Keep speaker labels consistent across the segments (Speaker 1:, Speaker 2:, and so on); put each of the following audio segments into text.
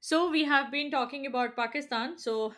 Speaker 1: So we have been talking about Pakistan. So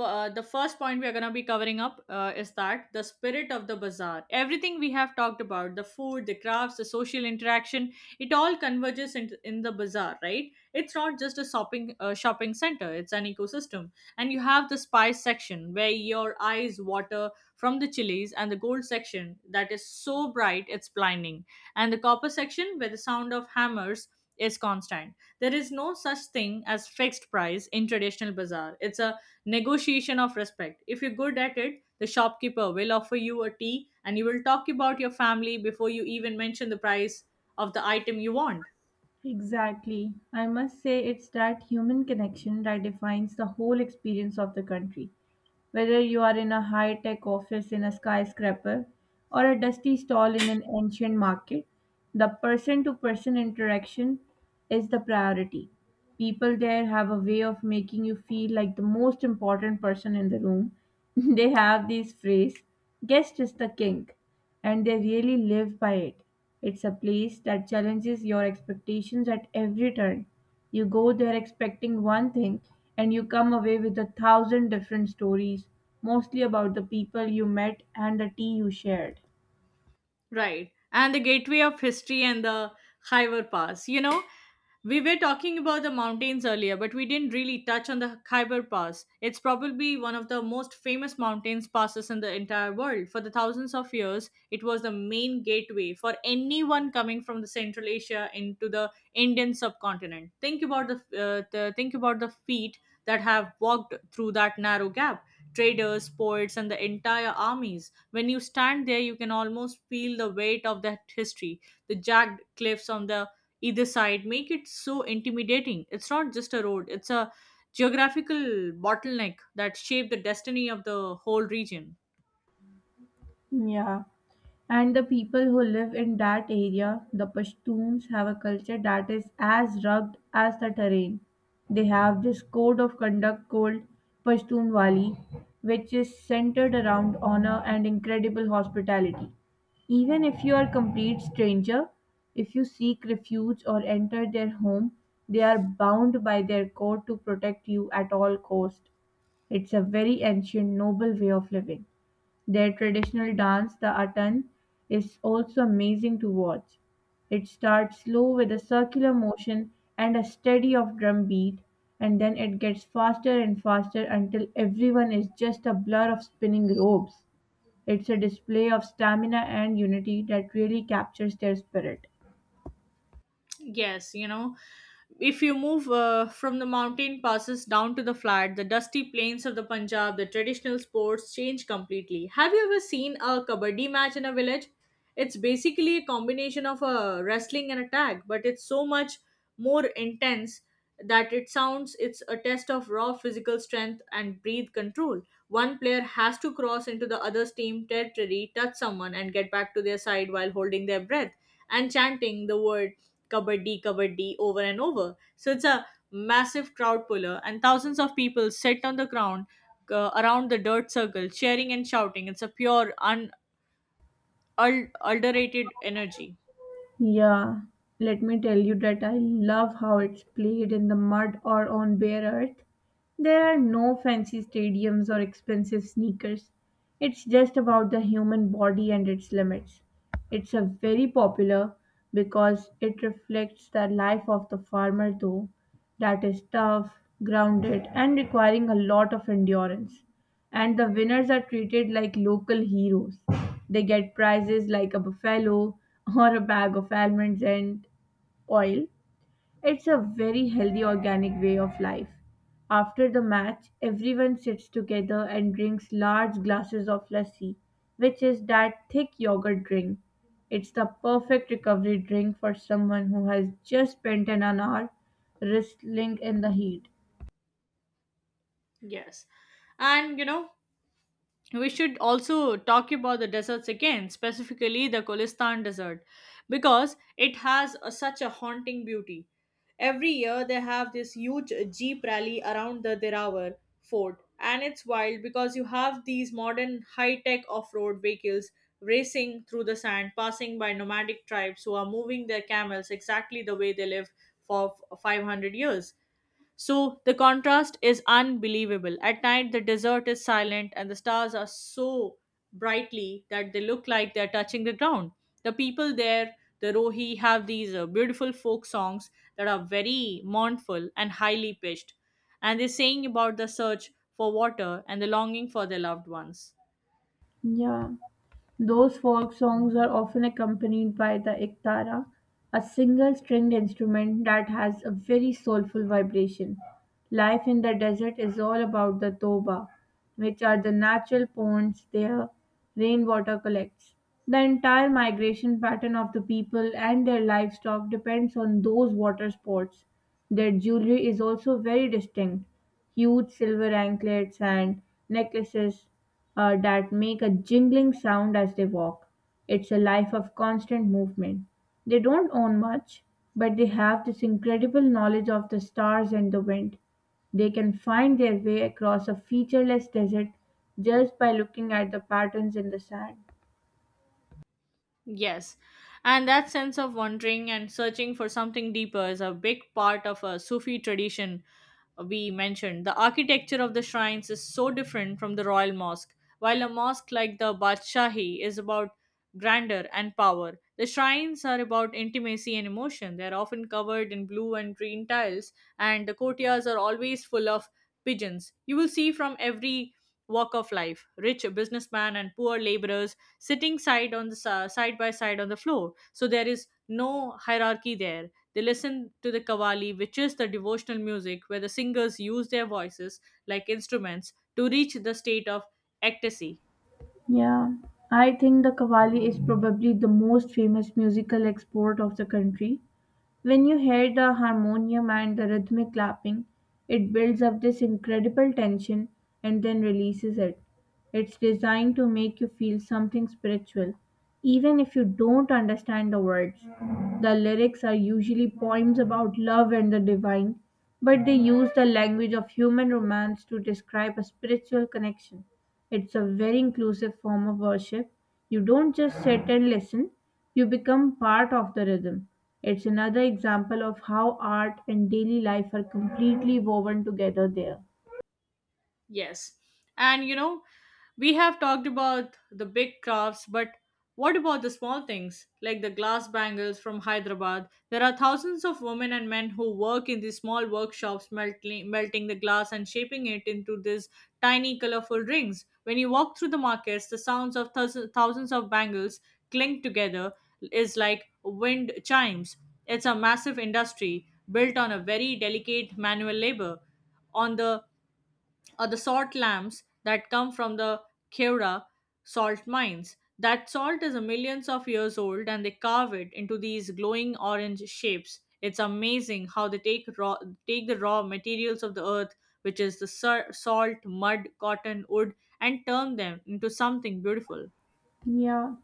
Speaker 1: F- uh, the first point we are going to be covering up is that the spirit of the bazaar, everything we have talked about: the food, the crafts, the social interaction, it all converges in the bazaar, right? It's not just a shopping center, it's an ecosystem. And you have the spice section where your eyes water from the chilies, and the gold section that is so bright it's blinding, and the copper section where the sound of hammers is constant. There is no such thing as fixed price in traditional bazaar. It's a negotiation of respect. If you're good at it, the shopkeeper will offer you a tea and you will talk about your family before you even mention the price of the item you want.
Speaker 2: Exactly. I must say it's that human connection that defines the whole experience of the country. Whether you are in a high tech office in a skyscraper or a dusty stall in an ancient market, the person to person interaction is the priority. People there have a way of making you feel like the most important person in the room. They have this phrase, guest is the king, and they really live by it. It's a place that challenges your expectations at every turn. You go there expecting one thing, and you come away with a thousand different stories, mostly about the people you met and the tea you shared.
Speaker 1: Right. And the gateway of history and the Khyber Pass. You know, we were talking about the mountains earlier, but we didn't really touch on the Khyber Pass. It's probably one of the most famous mountains passes in the entire world. For the thousands of years, it was the main gateway for anyone coming from the Central Asia into the Indian subcontinent. Think about the feet that have walked through that narrow gap. Traders, poets, and the entire armies. When you stand there, you can almost feel the weight of that history, the jagged cliffs on the either side make it so intimidating. It's not just a road, it's a geographical bottleneck that shaped the destiny of the whole region.
Speaker 2: Yeah. And the people who live in that area, the Pashtuns, have a culture that is as rugged as the terrain. They have this code of conduct called Pashtunwali, which is centered around honor and incredible hospitality. Even if you are complete stranger, if you seek refuge or enter their home, they are bound by their code to protect you at all cost. It's a very ancient, noble way of living. Their traditional dance, the Atan, is also amazing to watch. It starts slow with a circular motion and a steady of drum beat, and then it gets faster and faster until everyone is just a blur of spinning robes. It's a display of stamina and unity that really captures their spirit.
Speaker 1: Yes, you know, if you move from the mountain passes down to the flat, the dusty plains of the Punjab, the traditional sports change completely. Have you ever seen a kabaddi match in a village? It's basically a combination of a wrestling and a tag, but it's so much more intense that it sounds. It's a test of raw physical strength and breathe control. One player has to cross into the other's team territory, touch someone, and get back to their side while holding their breath and chanting the word kabaddi, kabaddi over and over. So it's a massive crowd puller, and thousands of people sit on the ground around the dirt circle, cheering and shouting. It's a pure, unadulterated energy.
Speaker 2: Yeah, let me tell you that I love how it's played in the mud or on bare earth. There are no fancy stadiums or expensive sneakers. It's just about the human body and its limits. It's a very popular because it reflects the life of the farmer though. That is tough, grounded and requiring a lot of endurance and the winners are treated like local heroes. They get prizes like a buffalo or a bag of almonds and oil. It's a very healthy organic way of life. After the match, everyone sits together and drinks large glasses of lassi, which is that thick yogurt drink. It's the perfect recovery drink for someone who has just spent an hour wrestling in the heat.
Speaker 1: Yes. And you know, we should also talk about the deserts again, specifically the Kholistan desert, because such a haunting beauty. Every year they have this huge jeep rally around the Derawar fort, and it's wild because you have these modern high-tech off-road vehicles racing through the sand, passing by nomadic tribes who are moving their camels exactly the way they live for 500 years. So the contrast is unbelievable. At night, the desert is silent and the stars are so brightly that they look like they're touching the ground. The people there, the Rohi, have these beautiful folk songs that are very mournful and highly pitched. And they're saying about the search for water and the longing for their loved ones.
Speaker 2: Yeah. Those folk songs are often accompanied by the ektara, a single stringed instrument that has a very soulful vibration. Life in the desert is all about the toba, which are the natural ponds their rainwater collects. The entire migration pattern of the people and their livestock depends on those water sports. Their jewelry is also very distinct, huge silver anklets and necklaces that make a jingling sound as they walk. It's a life of constant movement. They don't own much, but they have this incredible knowledge of the stars and the wind. They can find their way across a featureless desert just by looking at the patterns in the sand.
Speaker 1: Yes. And that sense of wandering and searching for something deeper is a big part of a Sufi tradition we mentioned. The architecture of the shrines is so different from the royal mosque. While a mosque like the Badshahi is about grandeur and power, the shrines are about intimacy and emotion. They are often covered in blue and green tiles, and the courtyards are always full of pigeons. You will see from every walk of life, rich businessmen and poor laborers sitting side on the si- side by side on the floor. So there is no hierarchy there. They listen to the kawali, which is the devotional music where the singers use their voices like instruments to reach the state of ecstasy.
Speaker 2: Yeah, I think the Qawwali is probably the most famous musical export of the country. When you hear the harmonium and the rhythmic clapping, it builds up this incredible tension and then releases it. It's designed to make you feel something spiritual, even if you don't understand the words. The lyrics are usually poems about love and the divine, but they use the language of human romance to describe a spiritual connection. It's a very inclusive form of worship. You don't just sit and listen, you become part of the rhythm. It's another example of how art and daily life are completely woven together there.
Speaker 1: Yes. And you know, we have talked about the big crafts, but what about the small things like the glass bangles from Hyderabad? There are thousands of women and men who work in these small workshops melting the glass and shaping it into these tiny colorful rings. When you walk through the markets, the sounds of thousands of bangles clink together is like wind chimes. It's a massive industry built on a very delicate manual labor on the salt lamps that come from the Keura salt mines. That salt is millions of years old and they carve it into these glowing orange shapes. It's amazing how they take the raw materials of the earth, which is the salt, mud, cotton, wood, and turn them into something beautiful.
Speaker 2: Yeah,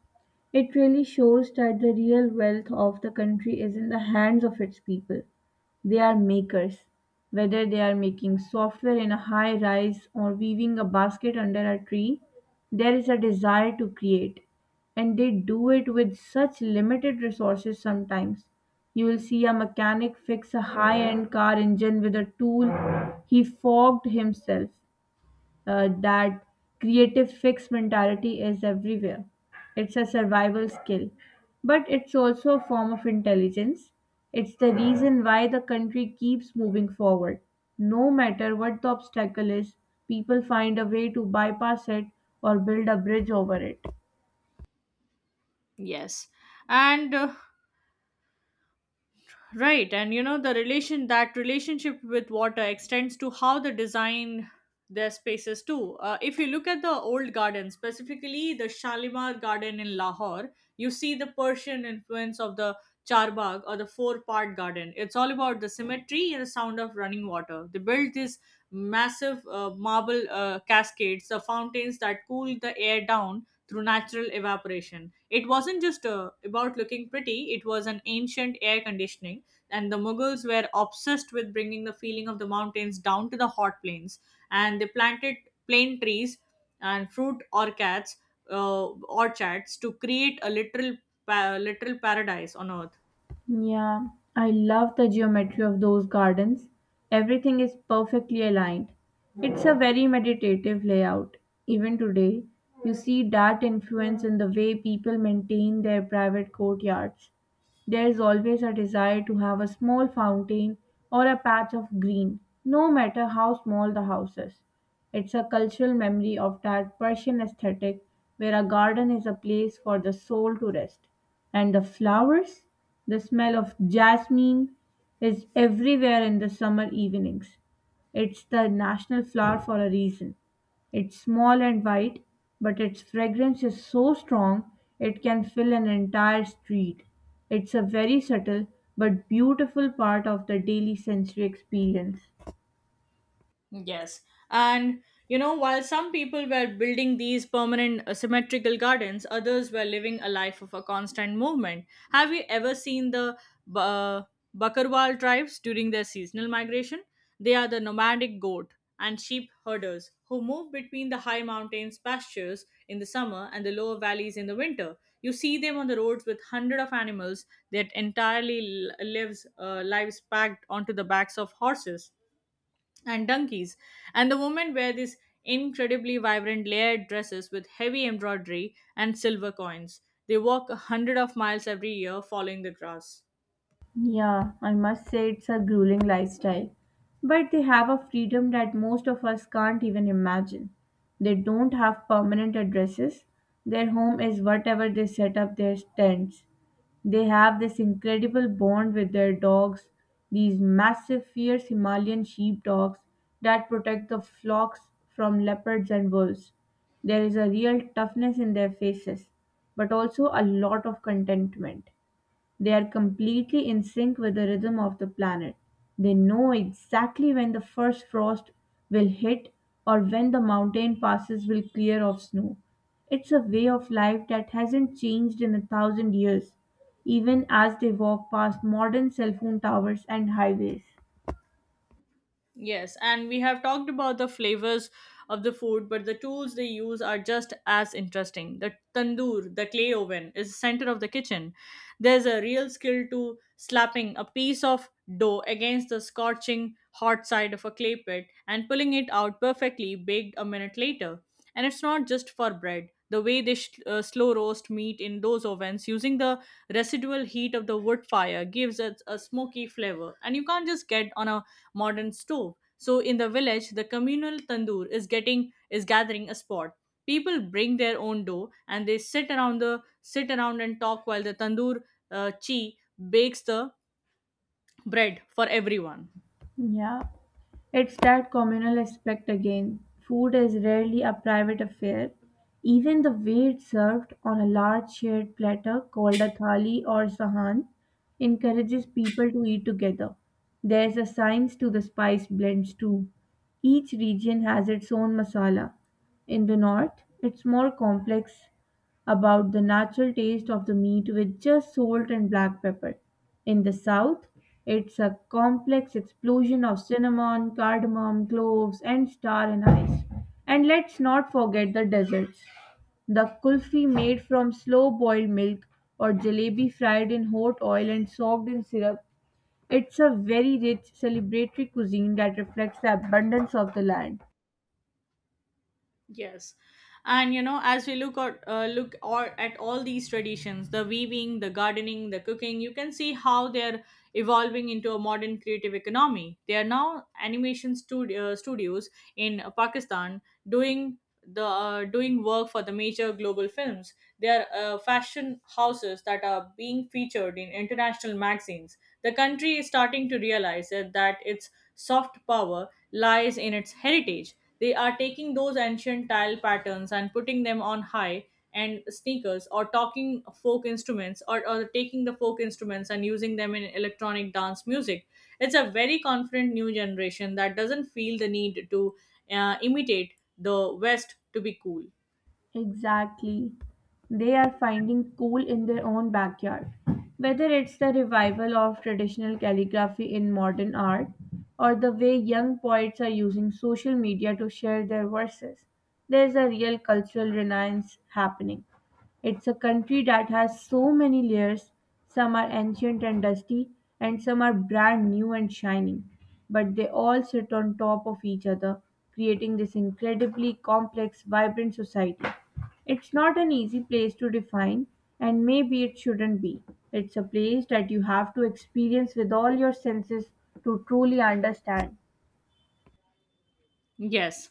Speaker 2: it really shows that the real wealth of the country is in the hands of its people. They are makers, whether they are making software in a high rise or weaving a basket under a tree, there is a desire to create, and they do it with such limited resources sometimes. You will see a mechanic fix a high end car engine with a tool he fogged himself that creative fixed mentality is everywhere. It's a survival skill, but it's also a form of intelligence. It's the reason why the country keeps moving forward. No matter what the obstacle is, people find a way to bypass it or build a bridge over it.
Speaker 1: Yes. And Right, and you know the relationship with water extends to how they design their spaces too. If you look at the old garden, specifically the Shalimar Garden in Lahore, you see the Persian influence of the Charbagh or the four-part garden. It's all about the symmetry and the sound of running water. They built these massive marble cascades, the fountains that cool the air down through natural evaporation. It wasn't just about looking pretty, it was an ancient air conditioning, and the Mughals were obsessed with bringing the feeling of the mountains down to the hot plains. And they planted plane trees and fruit orchards, orchards to create a literal paradise on earth.
Speaker 2: Yeah, I love the geometry of those gardens. Everything is perfectly aligned. It's a very meditative layout. Even today, you see that influence in the way people maintain their private courtyards. There is always a desire to have a small fountain or a patch of green, no matter how small the house is. It's a cultural memory of that Persian aesthetic where a garden is a place for the soul to rest. And the flowers, the smell of jasmine is everywhere in the summer evenings. It's the national flower for a reason. It's small and white, but its fragrance is so strong it can fill an entire street. It's a very subtle but beautiful part of the daily sensory experience.
Speaker 1: Yes. And you know, while some people were building these permanent symmetrical gardens, others were living a life of a constant movement. Have you ever seen the uh, Bakarwal tribes during their seasonal migration? They are the nomadic goat and sheep herders who move between the high mountains pastures in the summer and the lower valleys in the winter. You see them on the roads with hundreds of animals that entirely l- lives lives packed onto the backs of horses and donkeys. And the women wear these incredibly vibrant layered dresses with heavy embroidery and silver coins. They walk a hundred of miles every year following the grass.
Speaker 2: Yeah, I must say it's a grueling lifestyle. But they have a freedom that most of us can't even imagine. They don't have permanent addresses. Their home is whatever they set up their tents. They have this incredible bond with their dogs, these massive, fierce Himalayan sheepdogs that protect the flocks from leopards and wolves. There is a real toughness in their faces, but also a lot of contentment. They are completely in sync with the rhythm of the planet. They know exactly when the first frost will hit or when the mountain passes will clear of snow. It's a way of life that hasn't changed in a thousand years, even as they walk past modern cell phone towers and highways.
Speaker 1: Yes, and we have talked about the flavors of the food, but the tools they use are just as interesting. The tandoor, the clay oven, is the center of the kitchen. There's a real skill to slapping a piece of dough against the scorching hot side of a clay pit and pulling it out perfectly baked a minute later. And it's not just for bread. The way they slow roast meat in those ovens using the residual heat of the wood fire gives it a smoky flavor, and you can't just get on a modern stove. So in the village, the communal tandoor is gathering a spot. People bring their own dough and they sit around and talk while the tandoor chi bakes the bread for everyone.
Speaker 2: Yeah. It's that communal aspect again. Food is rarely a private affair. Even the way it's served on a large shared platter called a thali or sahan encourages people to eat together. There's a science to the spice blends too. Each region has its own masala. In the north, it's more complex about the natural taste of the meat with just salt and black pepper. In the south, it's a complex explosion of cinnamon, cardamom, cloves, and star anise. And let's not forget the desserts. The kulfi made from slow boiled milk or jalebi fried in hot oil and soaked in syrup. It's a very rich celebratory cuisine that reflects the abundance of the land.
Speaker 1: Yes, and you know, as we look at look or at all these traditions, the weaving, the gardening, the cooking, you can see how they're evolving into a modern creative economy. They are now studios in Pakistan doing the doing work for the major global films. They are fashion houses that are being featured in international magazines. The country is starting to realize that its soft power lies in its heritage. They are taking those ancient tile patterns and putting them on high and sneakers, or talking folk instruments, or taking the folk instruments and using them in electronic dance music. It's a very confident new generation that doesn't feel the need to imitate the West to be cool.
Speaker 2: Exactly. They are finding cool in their own backyard. Whether it's the revival of traditional calligraphy in modern art or the way young poets are using social media to share their verses, there's a real cultural renaissance happening. It's a country that has so many layers. Some are ancient and dusty, and some are brand new and shining. But they all sit on top of each other, creating this incredibly complex, vibrant society. It's not an easy place to define, and maybe it shouldn't be. It's a place that you have to experience with all your senses to truly understand.
Speaker 1: Yes.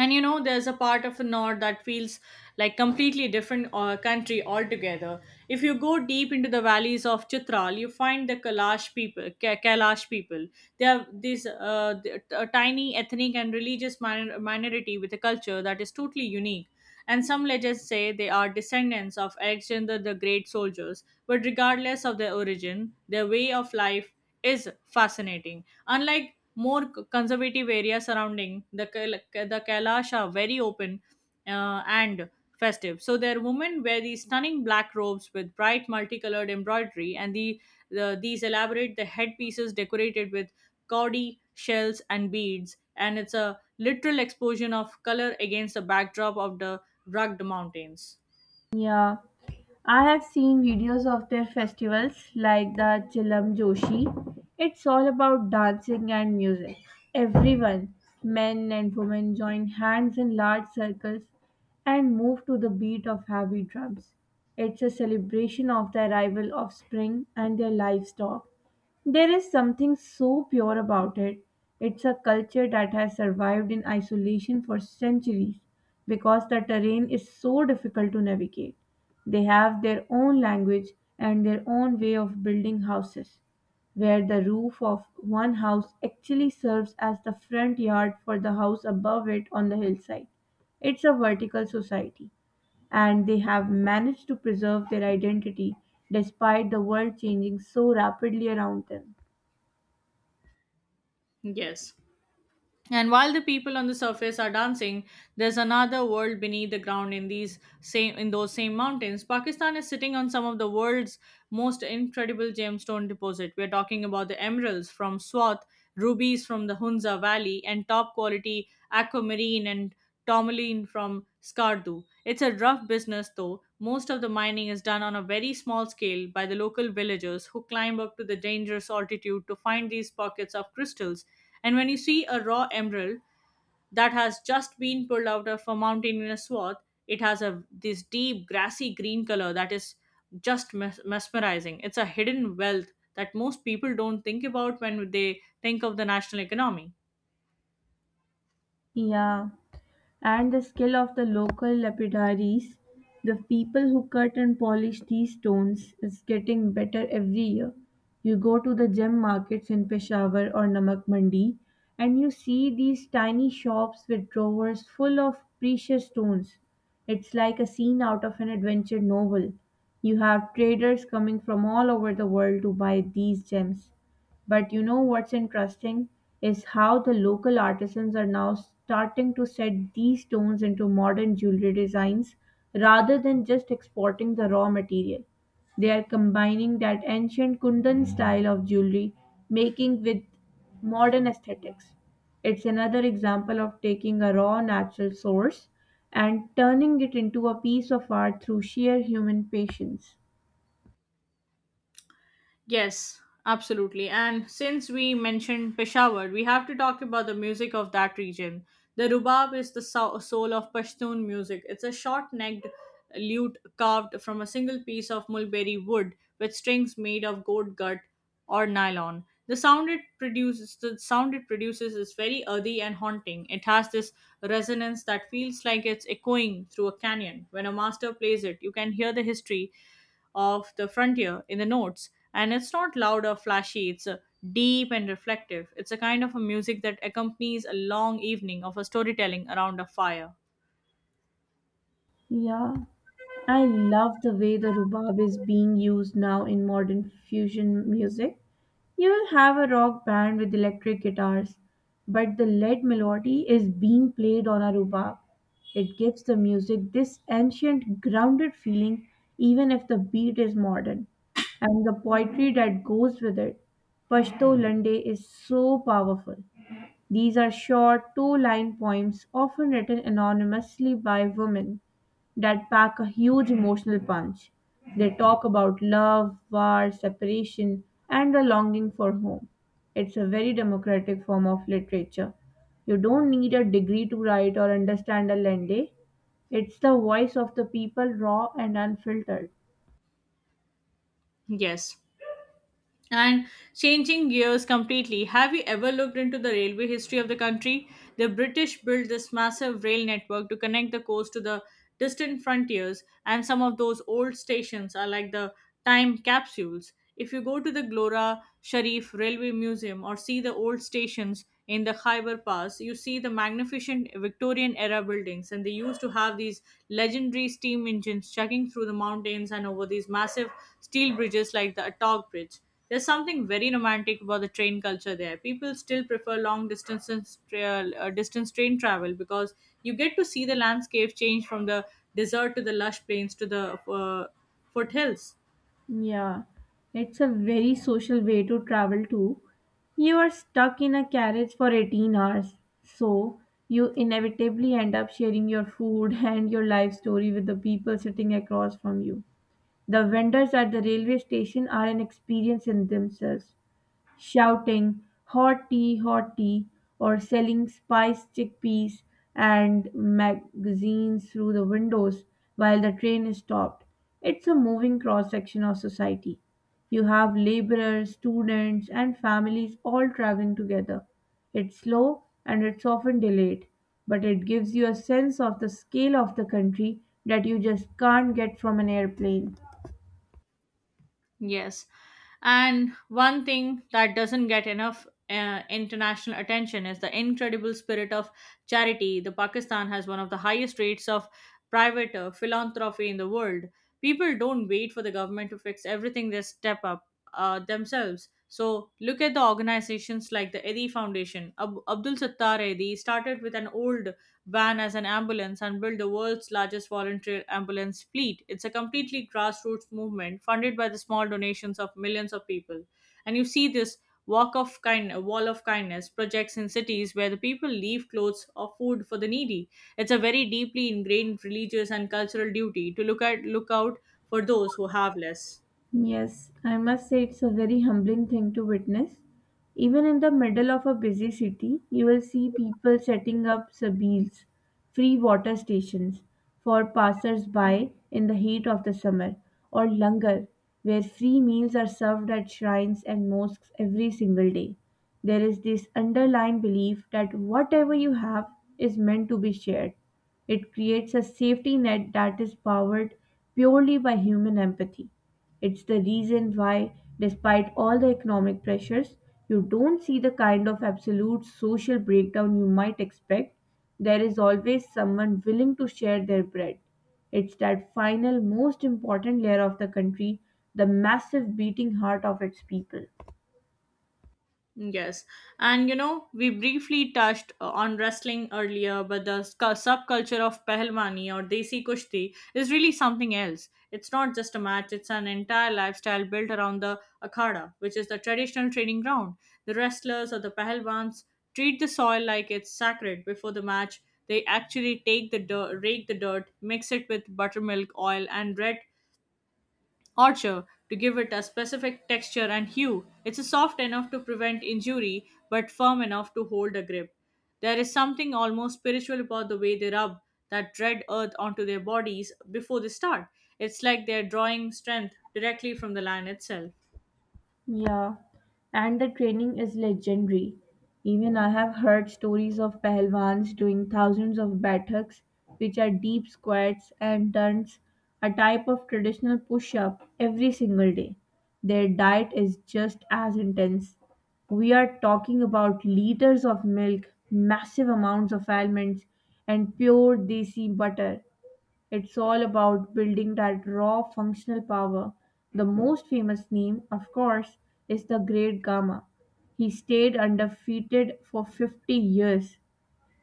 Speaker 1: And you know, there's a part of the north that feels like completely different country altogether. If you go deep into the valleys of Chitral, you find the Kailash people. They are this a tiny ethnic and religious minority with a culture that is totally unique, and some legends say they are descendants of Alexander the Great soldiers. But regardless of their origin, their way of life is fascinating. Unlike more conservative area surrounding the Kailash are very open and festive. So their women wear these stunning black robes with bright multicolored embroidery, and these elaborate the headpieces decorated with gaudy shells and beads, and it's a literal explosion of color against the backdrop of the rugged mountains.
Speaker 2: Yeah, I have seen videos of their festivals like the Chilam Joshi. It's all about dancing and music. Everyone, men and women, join hands in large circles and move to the beat of heavy drums. It's a celebration of the arrival of spring and their livestock. There is something so pure about it. It's a culture that has survived in isolation for centuries because the terrain is so difficult to navigate. They have their own language and their own way of building houses, where the roof of one house actually serves as the front yard for the house above it on the hillside. It's a vertical society, and they have managed to preserve their identity despite the world changing so rapidly around them.
Speaker 1: Yes. And while the people on the surface are dancing, there's another world beneath the ground in those same mountains. Pakistan is sitting on some of the world's most incredible gemstone deposit. We're talking about the emeralds from Swat, rubies from the Hunza Valley, and top quality aquamarine and tourmaline from Skardu. It's a rough business though. Most of the mining is done on a very small scale by the local villagers who climb up to the dangerous altitude to find these pockets of crystals. And when you see a raw emerald that has just been pulled out of a mountainous swath, it has a this deep grassy green color that is just mesmerizing. It's a hidden wealth that most people don't think about when they think of the national economy.
Speaker 2: Yeah, and the skill of the local lapidaries, the people who cut and polish these stones, is getting better every year. You go to the gem markets in Peshawar or Namak Mandi, and you see these tiny shops with drawers full of precious stones. It's like a scene out of an adventure novel. You have traders coming from all over the world to buy these gems. But you know what's interesting is how the local artisans are now starting to set these stones into modern jewelry designs rather than just exporting the raw material. They are combining that ancient Kundan style of jewelry making with modern aesthetics. It's another example of taking a raw natural source and turning it into a piece of art through sheer human patience.
Speaker 1: Yes, absolutely. And since we mentioned Peshawar, we have to talk about the music of that region. The rubab is the soul of Pashtun music. It's a short necked lute carved from a single piece of mulberry wood with strings made of goat gut or nylon. The sound it produces is very earthy and haunting. It has this resonance that feels like it's echoing through a canyon. When a master plays it, you can hear the history of the frontier in the notes, and it's not loud or flashy, it's deep and reflective. It's a kind of a music that accompanies a long evening of a storytelling around a fire.
Speaker 2: Yeah. I love the way the rhubarb is being used now in modern fusion music. You will have a rock band with electric guitars, but the lead melody is being played on a rhubarb. It gives the music this ancient, grounded feeling, even if the beat is modern, and the poetry that goes with it. Pashto Lande is so powerful. These are short, two line poems, often written anonymously by women, that pack a huge emotional punch. They talk about love, war, separation, and the longing for home. It's a very democratic form of literature. You don't need a degree to write or understand a lende. It's the voice of the people, raw and unfiltered.
Speaker 1: Yes. And changing gears completely, have you ever looked into the railway history of the country? The British built this massive rail network to connect the coast to the distant frontiers, and some of those old stations are like the time capsules. If you go to the Glora Sharif Railway Museum or see the old stations in the Khyber Pass, you see the magnificent Victorian era buildings, and they used to have these legendary steam engines chugging through the mountains and over these massive steel bridges like the Attock Bridge. There's something very romantic about the train culture there. People still prefer long distance distance train travel because you get to see the landscape change from the desert to the lush plains to the uh, foothills.
Speaker 2: Yeah, it's a very social way to travel too. You are stuck in a carriage for 18 hours, so you inevitably end up sharing your food and your life story with the people sitting across from you. The vendors at the railway station are an experience in themselves shouting "Hot-tea, hot-tea" or selling spiced chickpeas and magazines through the windows while the train is stopped. It's a moving cross section of society. You have laborers, students, and families all traveling together. It's slow and it's often delayed, but it gives you a sense of the scale of the country that you just can't get from an airplane.
Speaker 1: Yes. And one thing that doesn't get enough international attention is the incredible spirit of charity. The Pakistan has one of the highest rates of private philanthropy in the world. People don't wait for the government to fix everything, they step up themselves. So look at the organizations like the Edi Foundation. Abdul Sattar Edi started with an old Van as an ambulance and built the world's largest volunteer ambulance fleet. It's a completely grassroots movement funded by the small donations of millions of people. And you see this walk of kind wall of kindness projects in cities where the people leave clothes or food for the needy. It's a very deeply ingrained religious and cultural duty to look out for those who have less.
Speaker 2: Yes, I must say it's a very humbling thing to witness. Even in the middle of a busy city, you will see people setting up sabils, free water stations, for passers-by in the heat of the summer, or langar, where free meals are served at shrines and mosques every single day. There is this underlying belief that whatever you have is meant to be shared. It creates a safety net that is powered purely by human empathy. It's the reason why, despite all the economic pressures, you don't see the kind of absolute social breakdown you might expect. There is always someone willing to share their bread. It's that final, most important layer of the country, the massive beating heart of its people.
Speaker 1: Yes. And you know, we briefly touched on wrestling earlier, but the subculture of Pehlwani or Desi Kushti is really something else. It's not just a match, it's an entire lifestyle built around the akhada, which is the traditional training ground. The wrestlers or the Pehlwans treat the soil like it's sacred before the match. They actually rake the dirt, mix it with buttermilk, oil, and red Orcher to give it a specific texture and hue. It's soft enough to prevent injury but firm enough to hold a grip. There is something almost spiritual about the way they rub that dread earth onto their bodies before they start. It's like they're drawing strength directly from the land itself.
Speaker 2: Yeah, and the training is legendary. Even I have heard stories of Pehlwans doing thousands of battaks, which are deep squats and turns, a type of traditional push up, every single day. Their diet is just as intense. We are talking about liters of milk, massive amounts of almonds, and pure desi butter. It's all about building that raw functional power. The most famous name, of course, is the Great Gama. He stayed undefeated for 50 years.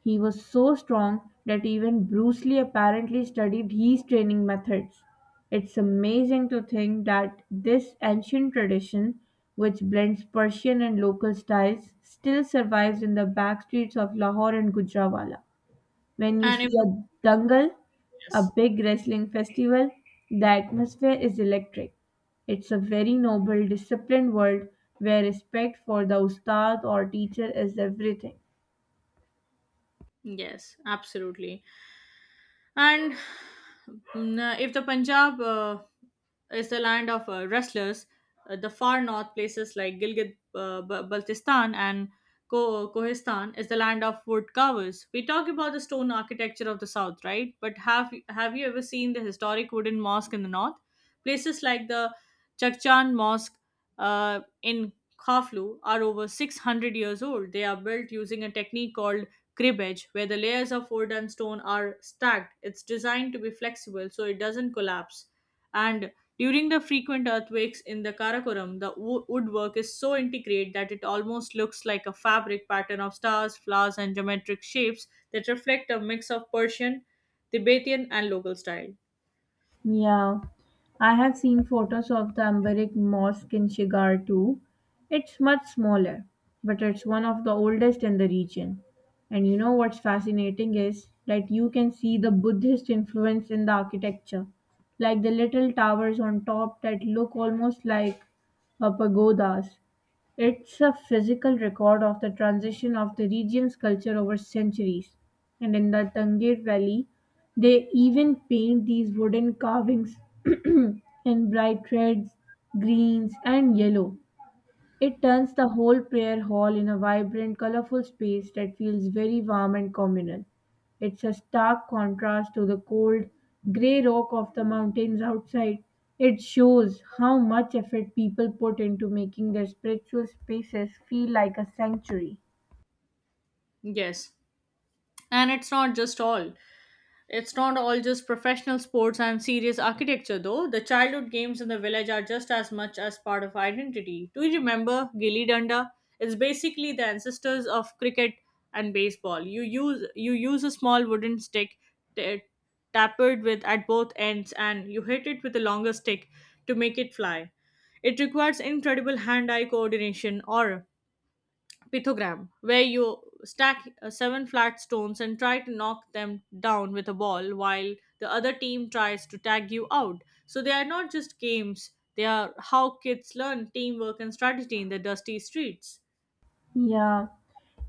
Speaker 2: He was so strong that even Bruce Lee apparently studied his training methods. It's amazing to think that this ancient tradition, which blends Persian and local styles, still survives in the backstreets of Lahore and Gujranwala. When you
Speaker 1: And
Speaker 2: see
Speaker 1: if
Speaker 2: a dangal, a
Speaker 1: yes,
Speaker 2: big wrestling festival, the atmosphere is electric. It's a very noble, disciplined world where respect for the ustad or teacher is everything.
Speaker 1: yes, absolutely. And if the Punjab is the land of wrestlers, the far north places like Gilgit Baltistan and Kohistan is the land of wood carvers. We talk about the stone architecture of the south, right? But have you ever seen the historic wooden mosque in the north? Places like the Chakchan Mosque in Khaflu are over 600 years old. They are built using a technique called cribbage, where the layers of wood and stone are stacked. It's designed to be flexible so it doesn't collapse. And during the frequent earthquakes in the Karakoram, the woodwork is so intricate that it almost looks like a fabric pattern of stars, flowers, and geometric shapes that reflect a mix of Persian, Tibetan, and local style.
Speaker 2: Yeah, I have seen photos of the Ambaric Mosque in Shigar too. It's much smaller, but it's one of the oldest in the region. And you know what's fascinating is that you can see the Buddhist influence in the architecture, like the little towers on top that look almost like pagodas. It's a physical record of the transition of the region's culture over centuries. And in the Tangier Valley, they even paint these wooden carvings in bright reds, greens, and yellow. It turns the whole prayer hall in a vibrant, colorful space that feels very warm and communal. It's a stark contrast to the cold, grey rock of the mountains outside. It shows how much effort people put into making their spiritual spaces feel like a sanctuary.
Speaker 1: Yes, and it's not just all. It's not all just professional sports and serious architecture, though. The childhood games in the village are just as much as part of identity. Do you remember Gilly Danda? It's basically the ancestors of cricket and baseball. You use a small wooden stick t- tapered with at both ends, and you hit it with a longer stick to make it fly. It requires incredible hand-eye coordination or pithogram, where you stack seven flat stones and try to knock them down with a ball while the other team tries to tag you out. So they are not just games, they are how kids learn teamwork and strategy in the dusty streets.
Speaker 2: Yeah.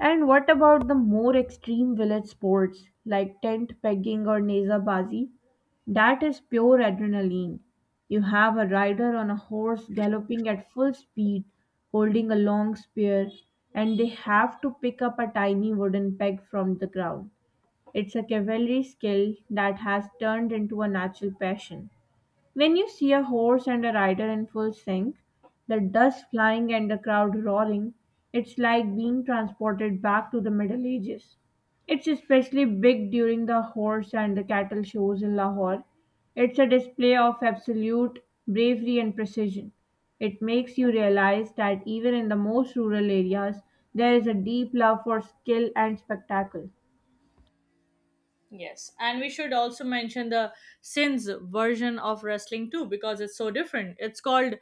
Speaker 2: And what about the more extreme village sports like tent pegging or nezabazi? That is pure adrenaline. You have a rider on a horse galloping at full speed, holding a long spear, and they have to pick up a tiny wooden peg from the ground. It's a cavalry skill that has turned into a natural passion. When you see a horse and a rider in full sync, the dust flying and the crowd roaring, it's like being transported back to the Middle Ages. It's especially big during the horse and the cattle shows in Lahore. It's a display of absolute bravery and precision. It makes you realize that even in the most rural areas, there is a deep love for skill and spectacle.
Speaker 1: Yes, and we should also mention the Sins version of wrestling too because it's so different. It's called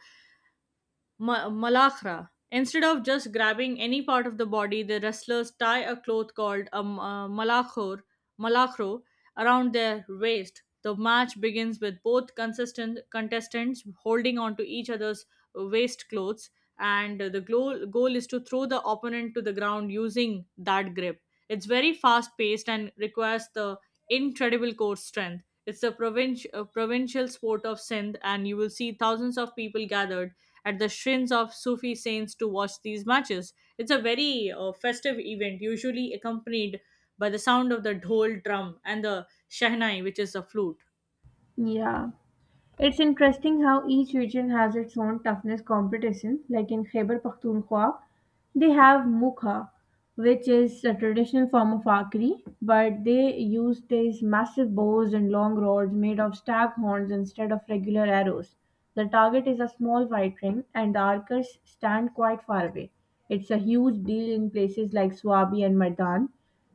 Speaker 1: malakhra. Instead of just grabbing any part of the body, the wrestlers tie a cloth called a malakhor, malakhro around their waist. The match begins with both consistent contestants holding on to each other's waist clothes, and goal is to throw the opponent to the ground using that grip. It's very fast paced and requires the incredible core strength. It's the provincial sport of Sindh, and you will see thousands of people gathered at the shrines of Sufi saints to watch these matches. It's a very festive event, usually accompanied by the sound of the dhol drum and the shahnai, which is a flute.
Speaker 2: Yeah. It's interesting how each region has its own toughness competition. Like in Khyber Pakhtunkhwa, they have mukha, which is a traditional form of archery, but they use these massive bows and long rods made of stag horns instead of regular arrows. The target is a small white ring, and the archers stand quite far away. It's a huge deal in places like Swabi and Mardan,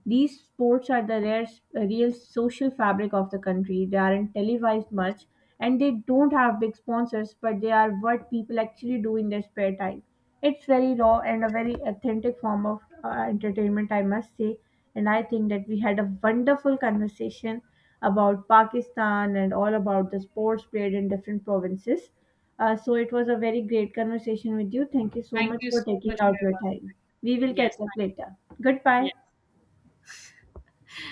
Speaker 2: these sports are the rare, real social fabric of the country. They aren't televised much and they don't have big sponsors, but they are what people actually do in their spare time. It's very raw and a very authentic form of entertainment, I must say. And I think that we had a wonderful conversation about Pakistan and all about the sports played in different provinces. So it was a very great conversation with you. Thank you so
Speaker 1: Thank
Speaker 2: much
Speaker 1: you
Speaker 2: for
Speaker 1: so
Speaker 2: taking
Speaker 1: much for
Speaker 2: out
Speaker 1: your
Speaker 2: your time.
Speaker 1: contribution.
Speaker 2: We will
Speaker 1: Yes,
Speaker 2: catch up
Speaker 1: thank
Speaker 2: later.
Speaker 1: you.
Speaker 2: Goodbye.
Speaker 1: Yeah.